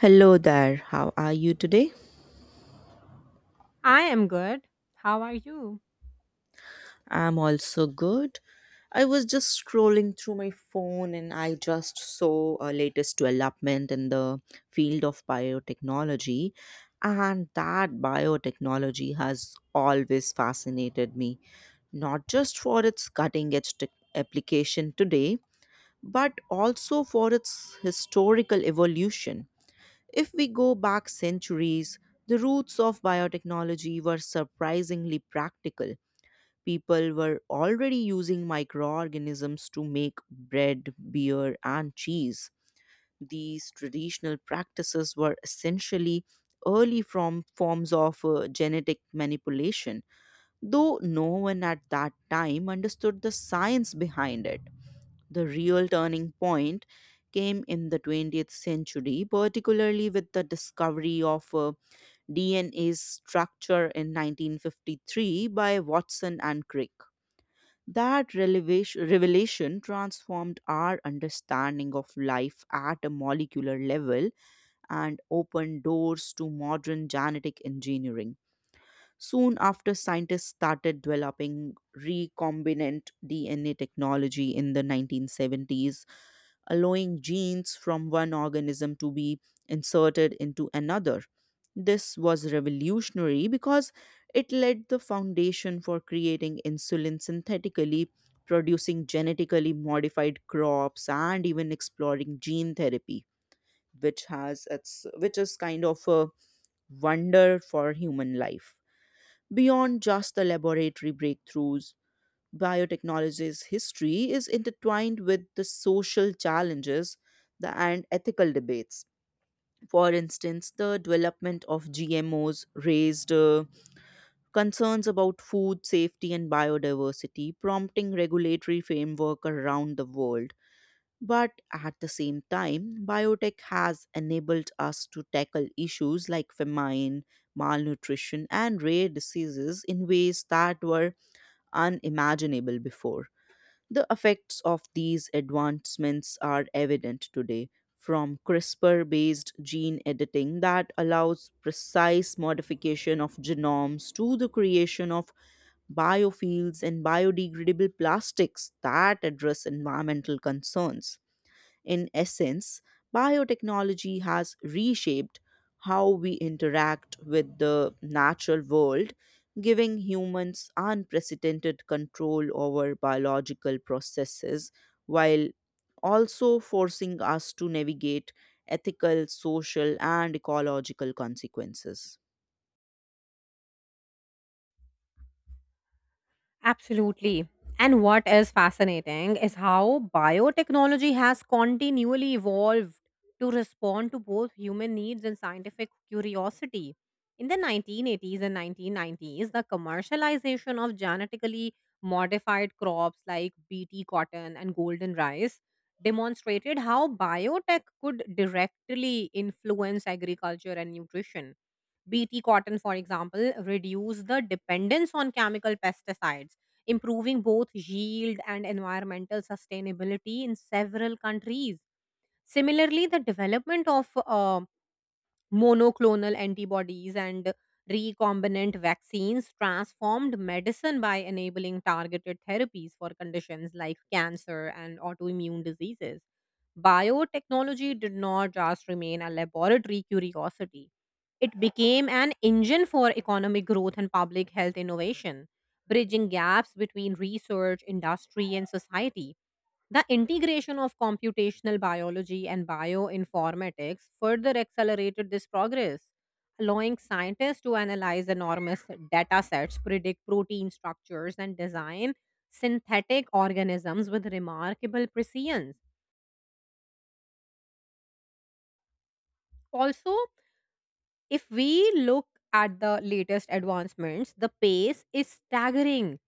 Hello there, how are you today? I am good. How are you? I'm also good. I was just scrolling through my phone and I just saw a latest development in the field of biotechnology, and that biotechnology has always fascinated me, not just for its cutting edge tech application today, but also for its historical evolution. If we go back centuries, the roots of biotechnology were surprisingly practical. People were already using microorganisms to make bread, beer, and cheese. These traditional practices were essentially early from forms of genetic manipulation, though no one at that time understood the science behind it. The real turning point came in the 20th century, particularly with the discovery of DNA's structure in 1953 by Watson and Crick. Revelation transformed our understanding of life at a molecular level and opened doors to modern genetic engineering. Soon after, scientists started developing recombinant DNA technology in the 1970s, allowing genes from one organism to be inserted into another. This was revolutionary because it laid the foundation for creating insulin synthetically, producing genetically modified crops, and even exploring gene therapy, which is kind of a wonder for human life. Beyond just the laboratory breakthroughs, biotechnology's history is intertwined with the social challenges and ethical debates. For instance, the development of GMOs raised concerns about food safety and biodiversity, prompting regulatory framework around the world. But at the same time, biotech has enabled us to tackle issues like famine, malnutrition, and rare diseases in ways that were unimaginable before. The effects of these advancements are evident today, from CRISPR based gene editing that allows precise modification of genomes to the creation of biofuels and biodegradable plastics that address environmental concerns. In essence, biotechnology has reshaped how we interact with the natural world, giving humans unprecedented control over biological processes while also forcing us to navigate ethical, social, and ecological consequences. Absolutely. And what is fascinating is how biotechnology has continually evolved to respond to both human needs and scientific curiosity. In the 1980s and 1990s, the commercialization of genetically modified crops like BT cotton and golden rice demonstrated how biotech could directly influence agriculture and nutrition. Bt cotton, for example, reduce the dependence on chemical pesticides, improving both yield and environmental sustainability in several countries. Similarly, the development of monoclonal antibodies and recombinant vaccines transformed medicine by enabling targeted therapies for conditions like cancer and autoimmune diseases. Biotechnology did not just remain a laboratory curiosity, it became an engine for economic growth and public health innovation, bridging gaps between research, industry, and society. The integration of computational biology and bioinformatics further accelerated this progress, allowing scientists to analyze enormous data sets, predict protein structures, and design synthetic organisms with remarkable precision. Also, if we look at the latest advancements, the pace is staggering.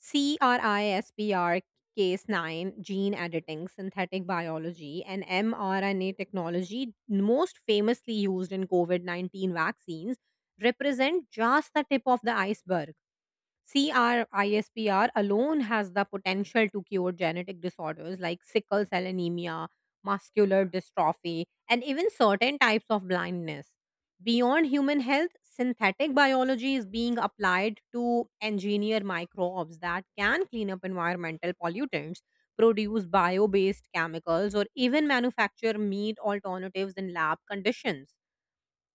CRISPR case 9, gene editing, synthetic biology, and mRNA technology, most famously used in COVID 19 vaccines, represent just the tip of the iceberg. CRISPR alone has the potential to cure genetic disorders like sickle cell anemia, muscular dystrophy, and even certain types of blindness. Beyond human health, synthetic biology is being applied to engineer microbes that can clean up environmental pollutants, produce bio based chemicals, or even manufacture meat alternatives in lab conditions.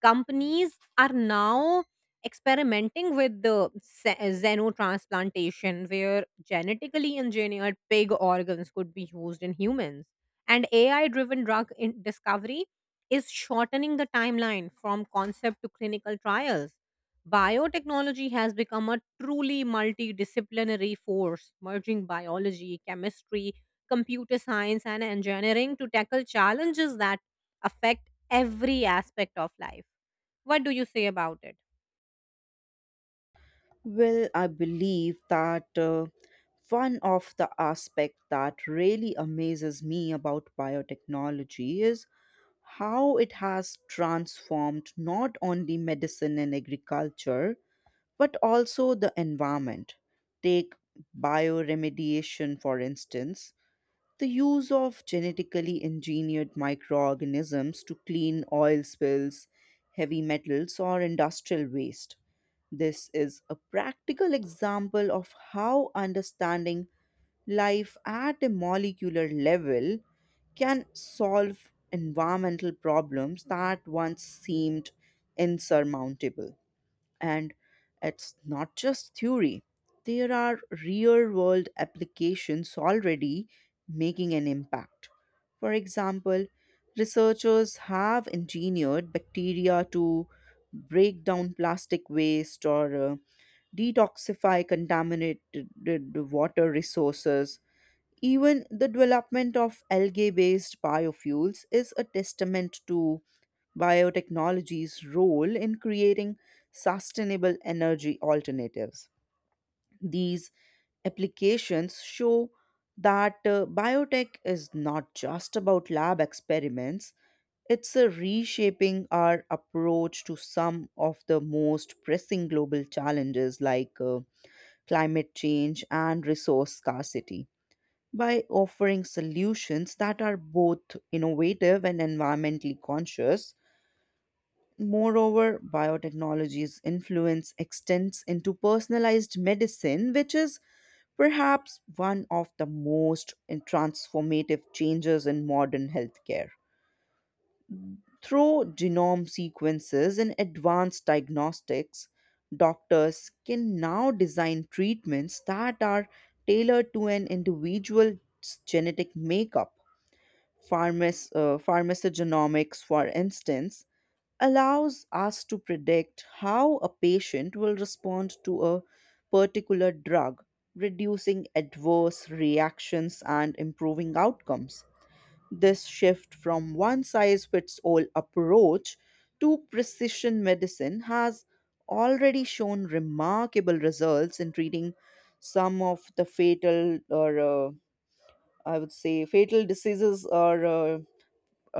Companies are now experimenting with xenotransplantation, where genetically engineered pig organs could be used in humans, and AI driven drug in discovery is shortening the timeline from concept to clinical trials. Biotechnology has become a truly multidisciplinary force, merging biology, chemistry, computer science, and engineering to tackle challenges that affect every aspect of life. What do you say about it? Well, I believe that one of the aspects that really amazes me about biotechnology is how it has transformed not only medicine and agriculture, but also the environment. Take bioremediation, for instance, the use of genetically engineered microorganisms to clean oil spills, heavy metals, or industrial waste. This is a practical example of how understanding life at a molecular level can solve environmental problems that once seemed insurmountable. And it's not just theory, there are real world applications already making an impact. For example, researchers have engineered bacteria to break down plastic waste or detoxify contaminated water resources. Even the development of algae based biofuels is a testament to biotechnology's role in creating sustainable energy alternatives. These applications show that biotech is not just about lab experiments, it's a reshaping our approach to some of the most pressing global challenges like climate change and resource scarcity by offering solutions that are both innovative and environmentally conscious. Moreover, biotechnology's influence extends into personalized medicine, which is perhaps one of the most transformative changes in modern healthcare. Through genome sequences and advanced diagnostics, doctors can now design treatments that are tailored to an individual's genetic makeup. Pharmacogenomics, for instance, allows us to predict how a patient will respond to a particular drug, reducing adverse reactions and improving outcomes. This shift from one size fits all approach to precision medicine has already shown remarkable results in treating some of the fatal or I would say fatal diseases or uh,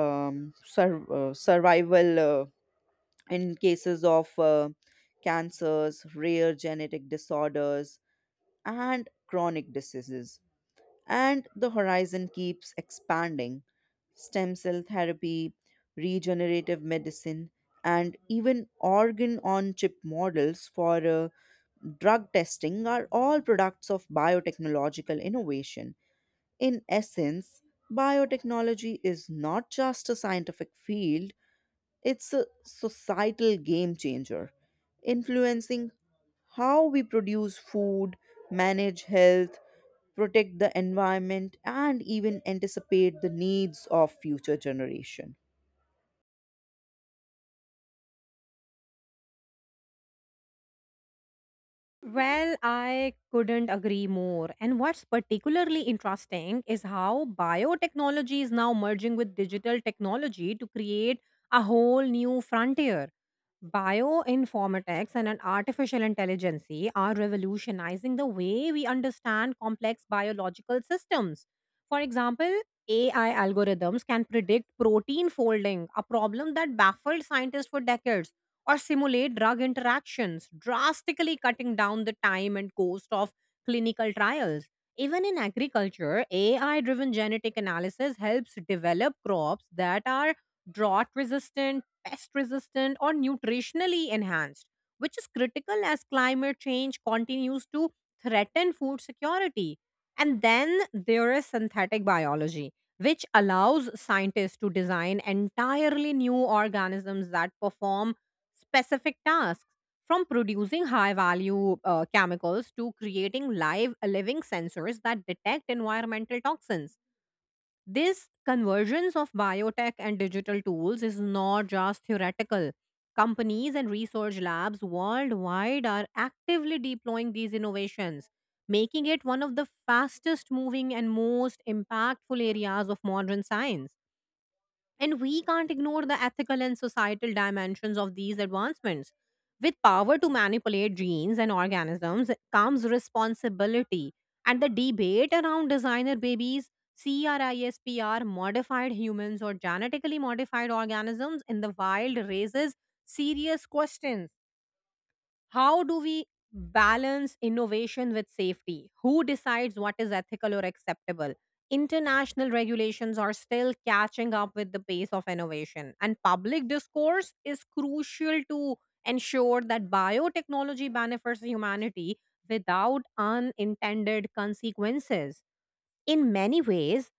um, sur- uh, survival in cases of cancers, rare genetic disorders, and chronic diseases. And the horizon keeps expanding. Stem cell therapy, regenerative medicine, and even organ on chip models for drug testing are all products of biotechnological innovation. In essence, biotechnology is not just a scientific field, it's a societal game changer, influencing how we produce food, manage health, protect the environment, and even anticipate the needs of future generation. Well, I couldn't agree more. And what's particularly interesting is how biotechnology is now merging with digital technology to create a whole new frontier. Bioinformatics and an artificial intelligence are revolutionizing the way we understand complex biological systems. For example, AI algorithms can predict protein folding, a problem that baffled scientists for decades, or simulate drug interactions, drastically cutting down the time and cost of clinical trials. Even in agriculture, AI driven genetic analysis helps develop crops that are drought resistant, pest resistant, or nutritionally enhanced, which is critical as climate change continues to threaten food security. And then there is synthetic biology, which allows scientists to design entirely new organisms that perform specific tasks, from producing high value chemicals to creating live living sensors that detect environmental toxins. This convergence of biotech and digital tools is not just theoretical. Companies and research labs worldwide are actively deploying these innovations, making it one of the fastest moving and most impactful areas of modern science. And we can't ignore the ethical and societal dimensions of these advancements. With power to manipulate genes and organisms comes responsibility. And the debate around designer babies, CRISPR, modified humans, or genetically modified organisms in the wild raises serious questions. How do we balance innovation with safety? Who decides what is ethical or acceptable? International regulations are still catching up with the pace of innovation, and public discourse is crucial to ensure that biotechnology benefits humanity without unintended consequences. In many ways,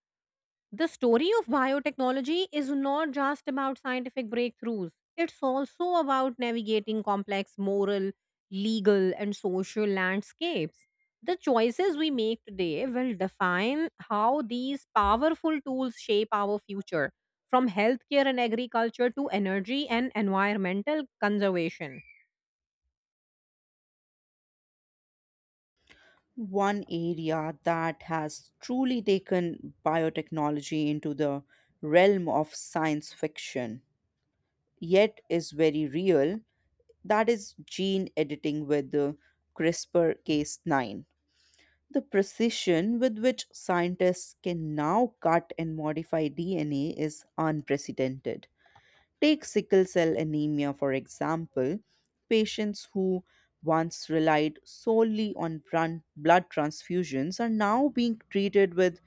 the story of biotechnology is not just about scientific breakthroughs, it's also about navigating complex moral, legal, and social landscapes. The choices we make today will define how these powerful tools shape our future, from healthcare and agriculture to energy and environmental conservation. One area that has truly taken biotechnology into the realm of science fiction, yet is very real, that is gene editing with the CRISPR Cas9. The precision with which scientists can now cut and modify DNA is unprecedented. Take sickle cell anemia, for example. Patients who once relied solely on blood transfusions are now being treated with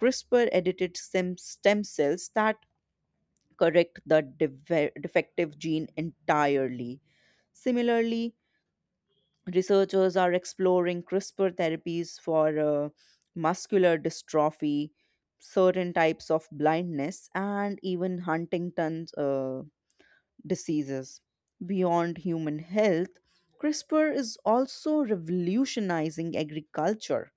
CRISPR edited stem cells that correct the defective gene entirely. Similarly, researchers are exploring CRISPR therapies for muscular dystrophy, certain types of blindness, and even Huntington's diseases. Beyond human health, CRISPR is also revolutionizing agriculture.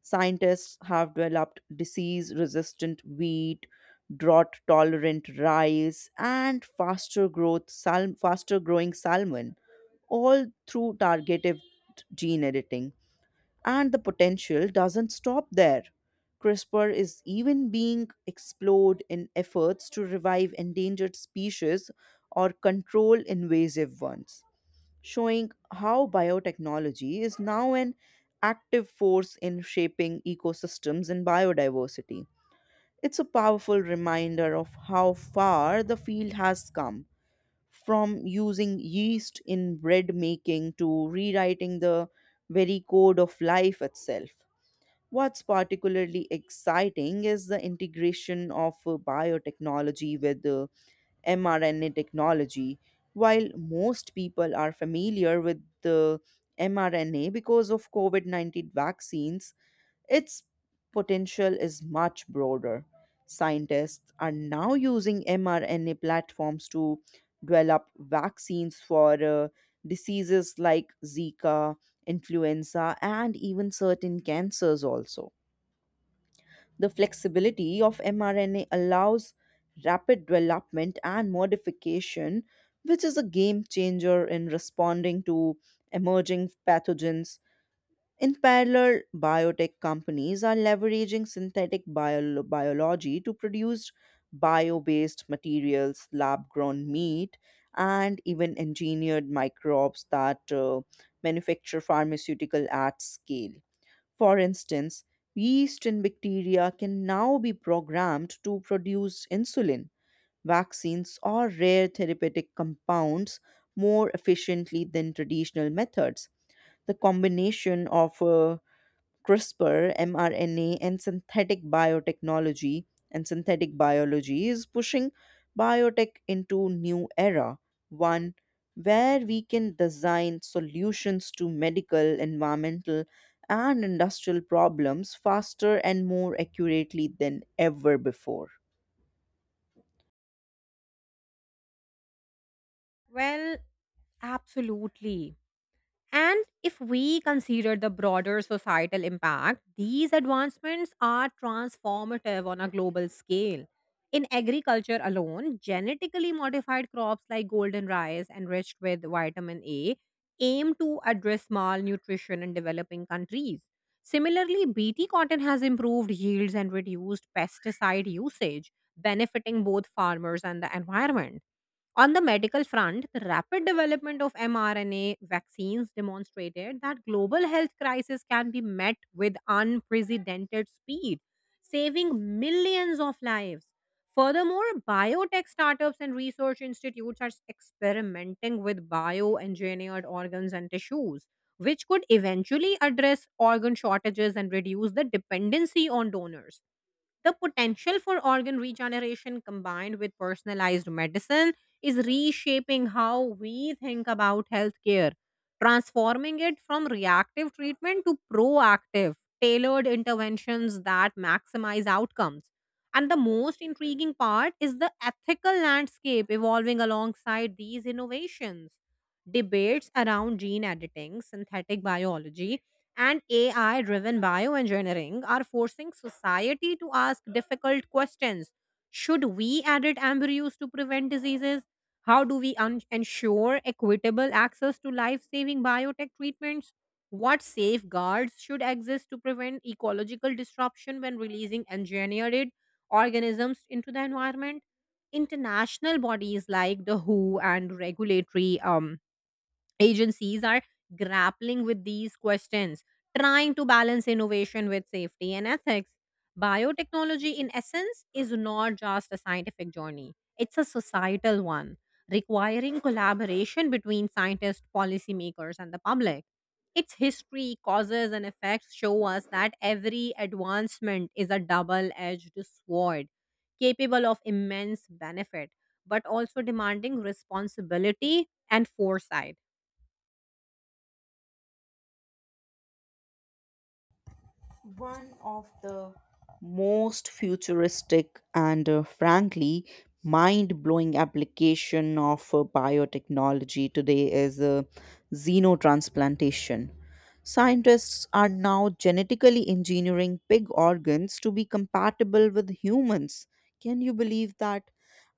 Scientists have developed disease resistant wheat, drought tolerant rice, and faster growing salmon, all through targeted gene editing. And the potential doesn't stop there. CRISPR is even being explored in efforts to revive endangered species or control invasive ones, showing how biotechnology is now an active force in shaping ecosystems and biodiversity. It's a powerful reminder of how far the field has come from using yeast in bread making to rewriting the very code of life itself. What's particularly exciting is the integration of biotechnology with mRNA technology. While most people are familiar with the mRNA because of COVID 19 vaccines, its potential is much broader. Scientists are now using mRNA platforms to develop vaccines for diseases like Zika, influenza, and even certain cancers also. The flexibility of mRNA allows rapid development and modification, which is a game changer in responding to emerging pathogens. In parallel, biotech companies are leveraging biology to produce bio based materials, lab grown meat, and even engineered microbes that manufacture pharmaceutical at scale. For instance, yeast and bacteria can now be programmed to produce insulin, vaccines, or rare therapeutic compounds more efficiently than traditional methods. The combination of CRISPR, mRNA, and synthetic biology is pushing biotech into new era, one where we can design solutions to medical, environmental, and industrial problems faster and more accurately than ever before. Well, absolutely. And if we consider the broader societal impact, these advancements are transformative on a global scale. In agriculture alone, genetically modified crops like golden rice, enriched with vitamin A, aim to address malnutrition in developing countries. Similarly, BT cotton has improved yields and reduced pesticide usage, benefiting both farmers and the environment. On the medical front, the rapid development of mRNA vaccines demonstrated that global health crisis can be met with unprecedented speed, saving millions of lives. Furthermore, biotech startups and research institutes are experimenting with bioengineered organs and tissues, which could eventually address organ shortages and reduce the dependency on donors. The potential for organ regeneration combined with personalized medicine is reshaping how we think about healthcare, transforming it from reactive treatment to proactive, tailored interventions that maximize outcomes. And the most intriguing part is the ethical landscape evolving alongside these innovations. Debates around gene editing, synthetic biology, and AI driven bioengineering are forcing society to ask difficult questions. Should we edit embryos to prevent diseases? How do we un- ensure equitable access to life saving biotech treatments? What safeguards should exist to prevent ecological disruption when releasing engineered organisms into the environment? International bodies like the WHO and regulatory agencies are grappling with these questions, trying to balance innovation with safety and ethics. Biotechnology, in essence, is not just a scientific journey, it's a societal one, requiring collaboration between scientists, policymakers, and the public. Its history, causes, and effects show us that every advancement is a double edged sword, capable of immense benefit, but also demanding responsibility and foresight. One of the most futuristic and frankly mind-blowing application of biotechnology today is xenotransplantation. Scientists are now genetically engineering pig organs to be compatible with humans. Can you believe that?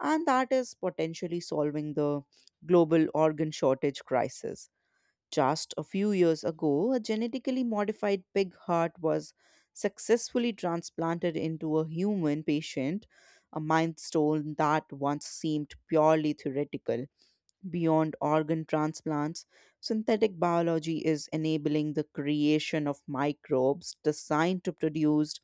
And that is potentially solving the global organ shortage crisis. Just a few years ago, a genetically modified pig heart was successfully transplanted into a human patient, a milestone that once seemed purely theoretical. Beyond organ transplants, synthetic biology is enabling the creation of microbes designed to produce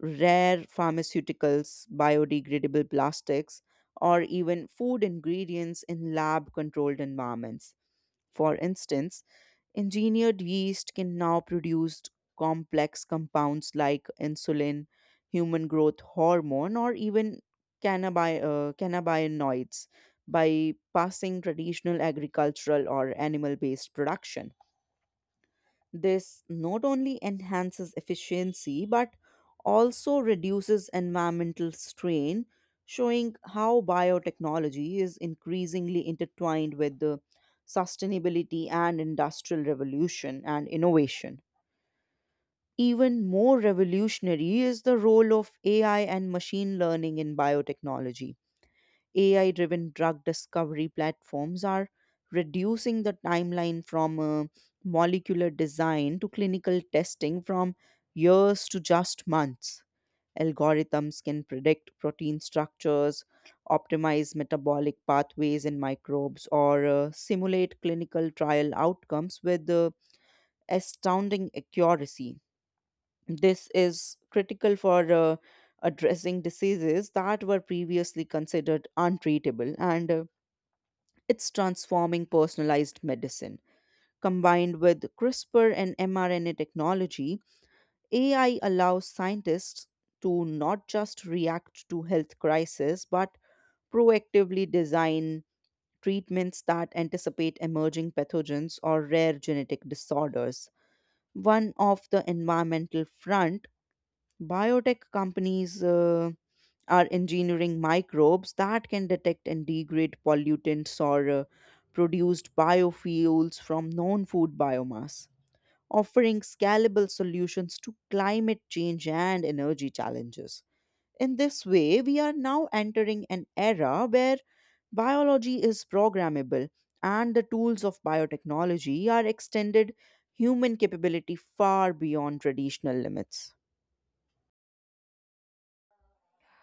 rare pharmaceuticals, biodegradable plastics, or even food ingredients in lab controlled environments. For instance, engineered yeast can now produce complex compounds like insulin, human growth hormone, or even cannabinoids by passing traditional agricultural or animal based production. This not only enhances efficiency but also reduces environmental strain, showing how biotechnology is increasingly intertwined with the sustainability and industrial revolution and innovation. Even more revolutionary is the role of AI and machine learning in biotechnology. AI driven drug discovery platforms are reducing the timeline from molecular design to clinical testing from years to just months. Algorithms can predict protein structures, optimize metabolic pathways in microbes, or simulate clinical trial outcomes with astounding accuracy. This is critical for addressing diseases that were previously considered untreatable and it's transforming personalized medicine. Combined with CRISPR and mRNA technology, AI allows scientists to not just react to health crises, but proactively design treatments that anticipate emerging pathogens or rare genetic disorders. One of the environmental front, biotech companies are engineering microbes that can detect and degrade pollutants or produced biofuels from non food biomass, offering scalable solutions to climate change and energy challenges. In this way, we are now entering an era where biology is programmable and the tools of biotechnology are extended human capability far beyond traditional limits.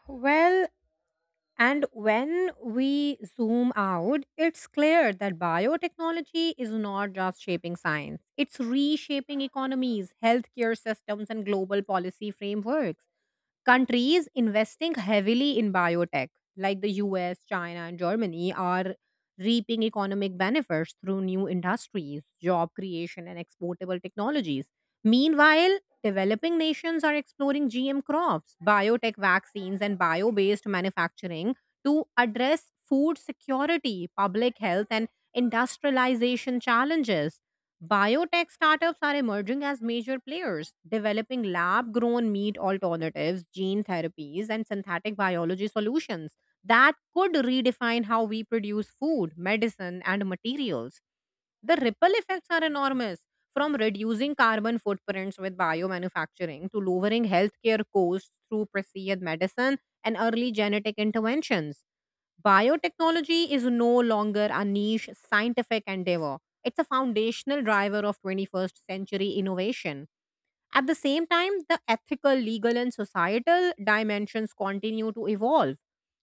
Well, and when we zoom out, it's clear that biotechnology is not just shaping science, it's reshaping economies, healthcare systems, and global policy frameworks. Countries investing heavily in biotech, like the US, China, and Germany, are reaping economic benefits through new industries, job creation, and exportable technologies. Meanwhile, developing nations are exploring GM crops, biotech vaccines, and bio based manufacturing to address food security, public health, and industrialization challenges. Biotech startups are emerging as major players, developing lab grown meat alternatives, gene therapies, and synthetic biology solutions that could redefine how we produce food, medicine, and materials. The ripple effects are enormous, from reducing carbon footprints with biomanufacturing to lowering healthcare costs through precision medicine and early genetic interventions. Biotechnology is no longer a niche scientific endeavor. It's a foundational driver of 21st century innovation. At the same time, the ethical, legal, and societal dimensions continue to evolve.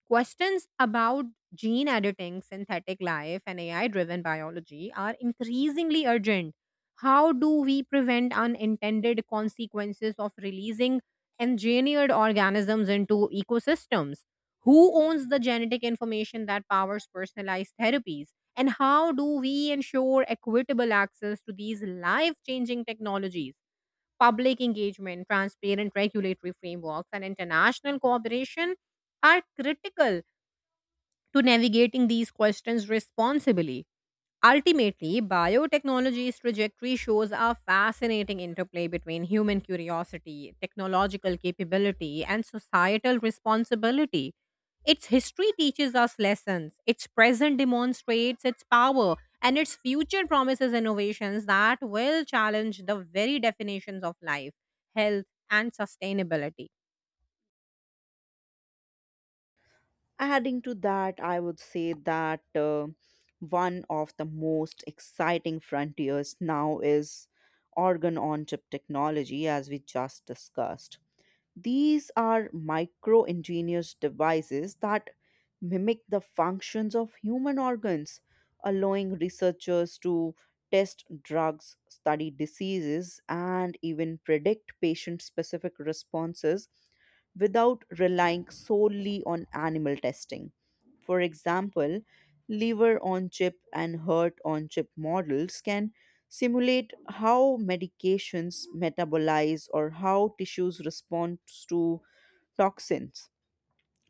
Questions about gene editing, synthetic life, and AI driven biology are increasingly urgent. How do we prevent unintended consequences of releasing engineered organisms into ecosystems? Who owns the genetic information that powers personalized therapies? And how do we ensure equitable access to these life changing technologies? Public engagement, transparent regulatory frameworks, and international cooperation are critical to navigating these questions responsibly. Ultimately, biotechnology's trajectory shows a fascinating interplay between human curiosity, technological capability, and societal responsibility. Its history teaches us lessons, its present demonstrates its power, and its future promises innovations that will challenge the very definitions of life, health, and sustainability. Adding to that, I would say that one of the most exciting frontiers now is organ on chip technology. As we just discussed, these are micro ingenious devices that mimic the functions of human organs, allowing researchers to test drugs, study diseases, and even predict patient specific responses without relying solely on animal testing. For example, liver on chip and heart on chip models can simulate how medications metabolize or how tissues respond to toxins,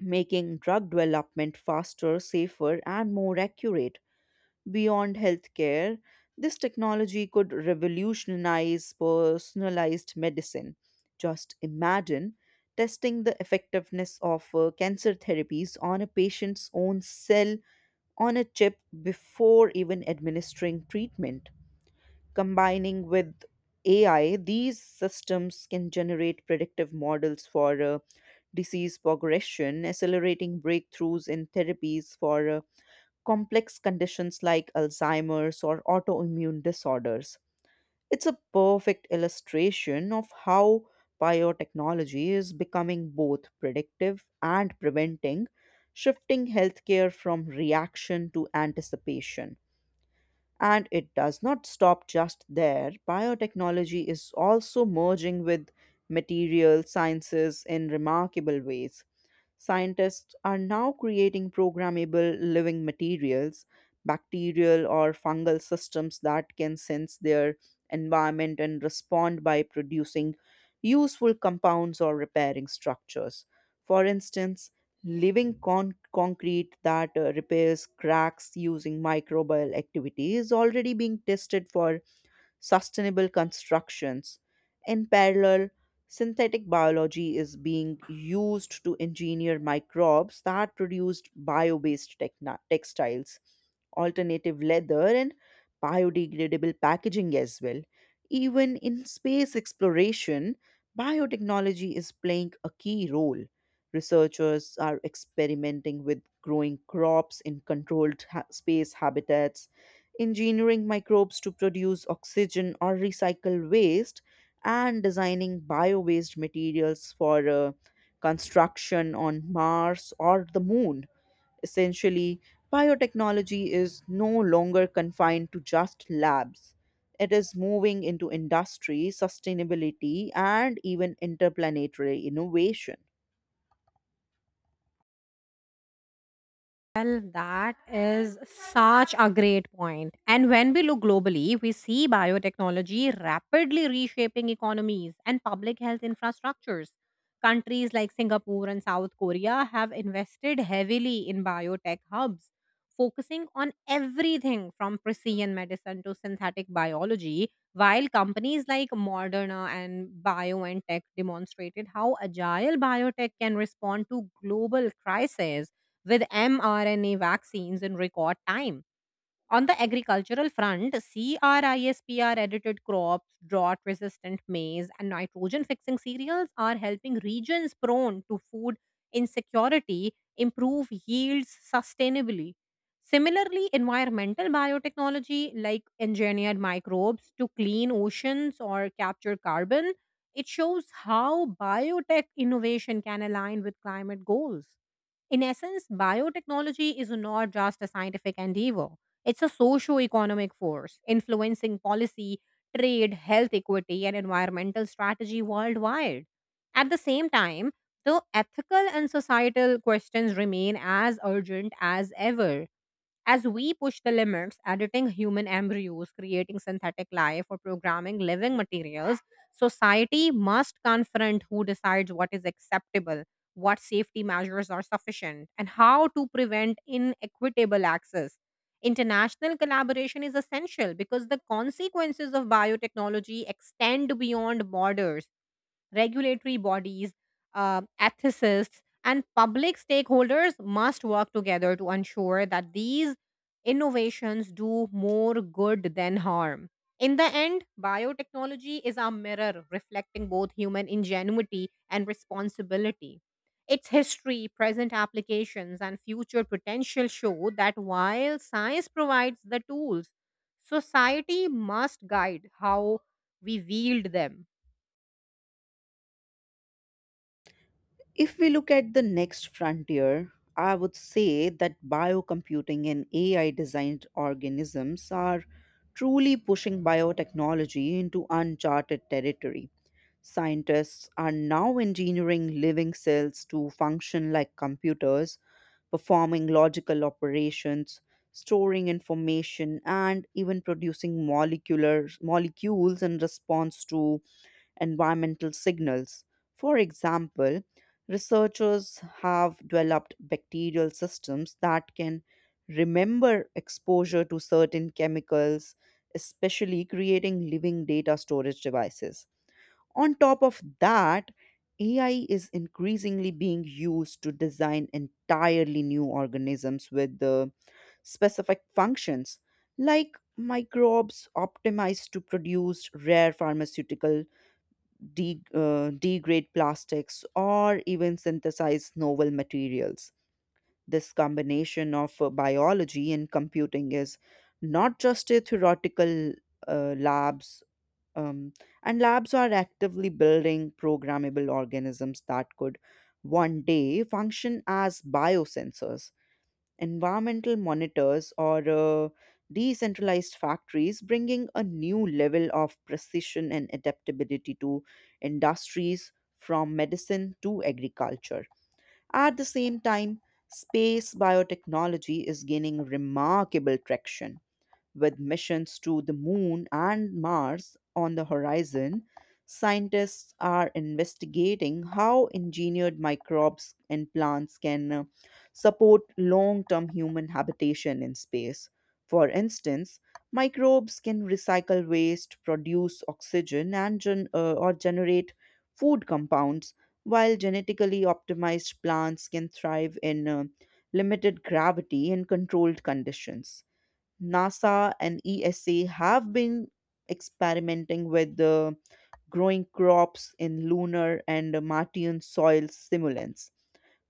making drug development faster, safer, and more accurate. Beyond healthcare, this technology could revolutionize personalized medicine. Just imagine testing the effectiveness of cancer therapies on a patient's own cell on a chip before even administering treatment, combining with AI, these systems can generate predictive models for disease progression, accelerating breakthroughs in therapies for complex conditions like Alzheimer's or autoimmune disorders. It's a perfect illustration of how biotechnology is becoming both predictive and preventing, shifting healthcare from reaction to anticipation. And it does not stop just there. Biotechnology is also merging with material sciences in remarkable ways. Scientists are now creating programmable living materials, bacterial or fungal systems that can sense their environment and respond by producing useful compounds or repairing structures. For instance, concrete that repairs cracks using microbial activity is already being tested for sustainable constructions. In parallel, synthetic biology is being used to engineer microbes that produce bio based textiles, alternative leather, and biodegradable packaging as well. Even in space exploration, biotechnology is playing a key role. Researchers are experimenting with growing crops in space habitats, engineering microbes to produce oxygen or recycle waste, and designing bio waste materials for construction on Mars or the moon. Essentially, biotechnology is no longer confined to just labs. It is moving into industry, sustainability, and even interplanetary innovation. Well, that is such a great point. And when we look globally, we see biotechnology rapidly reshaping economies and public health infrastructures. Countries like Singapore and South Korea have invested heavily in biotech hubs, focusing on everything from precision medicine to synthetic biology, while companies like Moderna and BioNTech demonstrated how agile biotech can respond to global crises with mRNA vaccines in record time. On the agricultural front, CRISPR edited crops, drought resistant maize, and nitrogen fixing cereals are helping regions prone to food insecurity improve yields sustainably. Similarly, environmental biotechnology, like engineered microbes to clean oceans or capture carbon, it shows how biotech innovation can align with climate goals. In essence, biotechnology is not just a scientific endeavor, it's a socio economic force influencing policy, trade, health equity, and environmental strategy worldwide. At the same time, the ethical and societal questions remain as urgent as ever. As we push the limits, editing human embryos, creating synthetic life, or programming living materials, society must confront who decides what is acceptable, what safety measures are sufficient, and how to prevent inequitable access. International collaboration is essential because the consequences of biotechnology extend beyond borders. Regulatory bodies, ethicists, and public stakeholders must work together to ensure that these innovations do more good than harm. In the end, biotechnology is a mirror reflecting both human ingenuity and responsibility. Its history, present applications, and future potential show that while science provides the tools, society must guide how we wield them. If we look at the next frontier, I would say that biocomputing and AI designed organisms are truly pushing biotechnology into uncharted territory. Scientists are now engineering living cells to function like computers, performing logical operations, storing information, and even producing molecular molecules in response to environmental signals. For example, researchers have developed bacterial systems that can remember exposure to certain chemicals, especially creating living data storage devices. On top of that, AI is increasingly being used to design entirely new organisms with the specific functions, like microbes optimized to produce rare pharmaceutical degrade plastics, or even synthesize novel materials. This combination of biology and computing is not just a theoretical uh, labs, um, and labs are actively building programmable organisms that could one day function as biosensors environmental monitors, or decentralized factories, bringing a new level of precision and adaptability to industries from medicine to agriculture. At the same time, space biotechnology is gaining remarkable traction with missions to the moon and Mars on the horizon, scientists are investigating how engineered microbes and plants can support long term human habitation in space. For instance, microbes can recycle waste, produce oxygen, or generate food compounds, while genetically optimized plants can thrive in limited gravity and controlled conditions. NASA and ESA have been experimenting with growing crops in lunar and Martian soil simulants,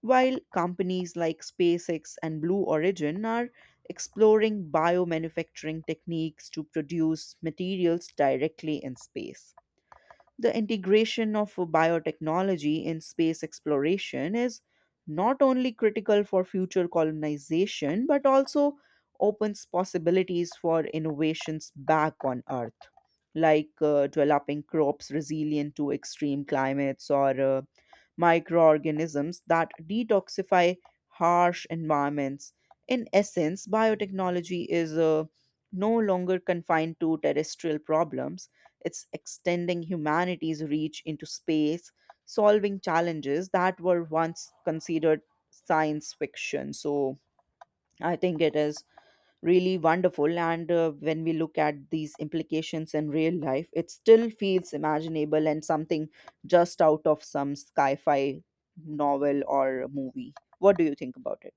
while companies like SpaceX and Blue Origin are exploring biomanufacturing techniques to produce materials directly in space. The integration of biotechnology in space exploration is not only critical for future colonization but also opens possibilities for innovations back on Earth, like developing crops resilient to extreme climates or microorganisms that detoxify harsh environments. In essence, biotechnology is no longer confined to terrestrial problems, it's extending humanity's reach into space, solving challenges that were once considered science fiction. So, I think it is really wonderful. And when we look at these implications in real life, it still feels imaginable and something just out of some sci fi novel or movie. What do you think about it?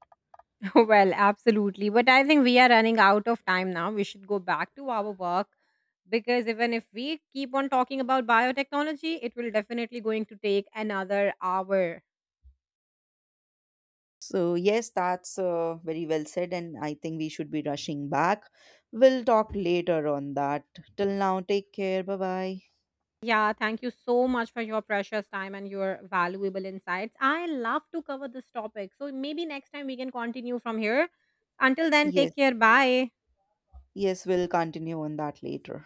Well, absolutely. But I think we are running out of time now. We should go back to our work because even if we keep on talking about biotechnology, it will definitely going to take another hour. So, yes, that's very well said, and I think we should be rushing back. We'll talk later on that. Till now, take care. Bye bye. Yeah, thank you so much for your precious time and your valuable insights. I love to cover this topic. So maybe next time we can continue from here. Until then, Yes, take care. Bye. yes, we'll continue on that later.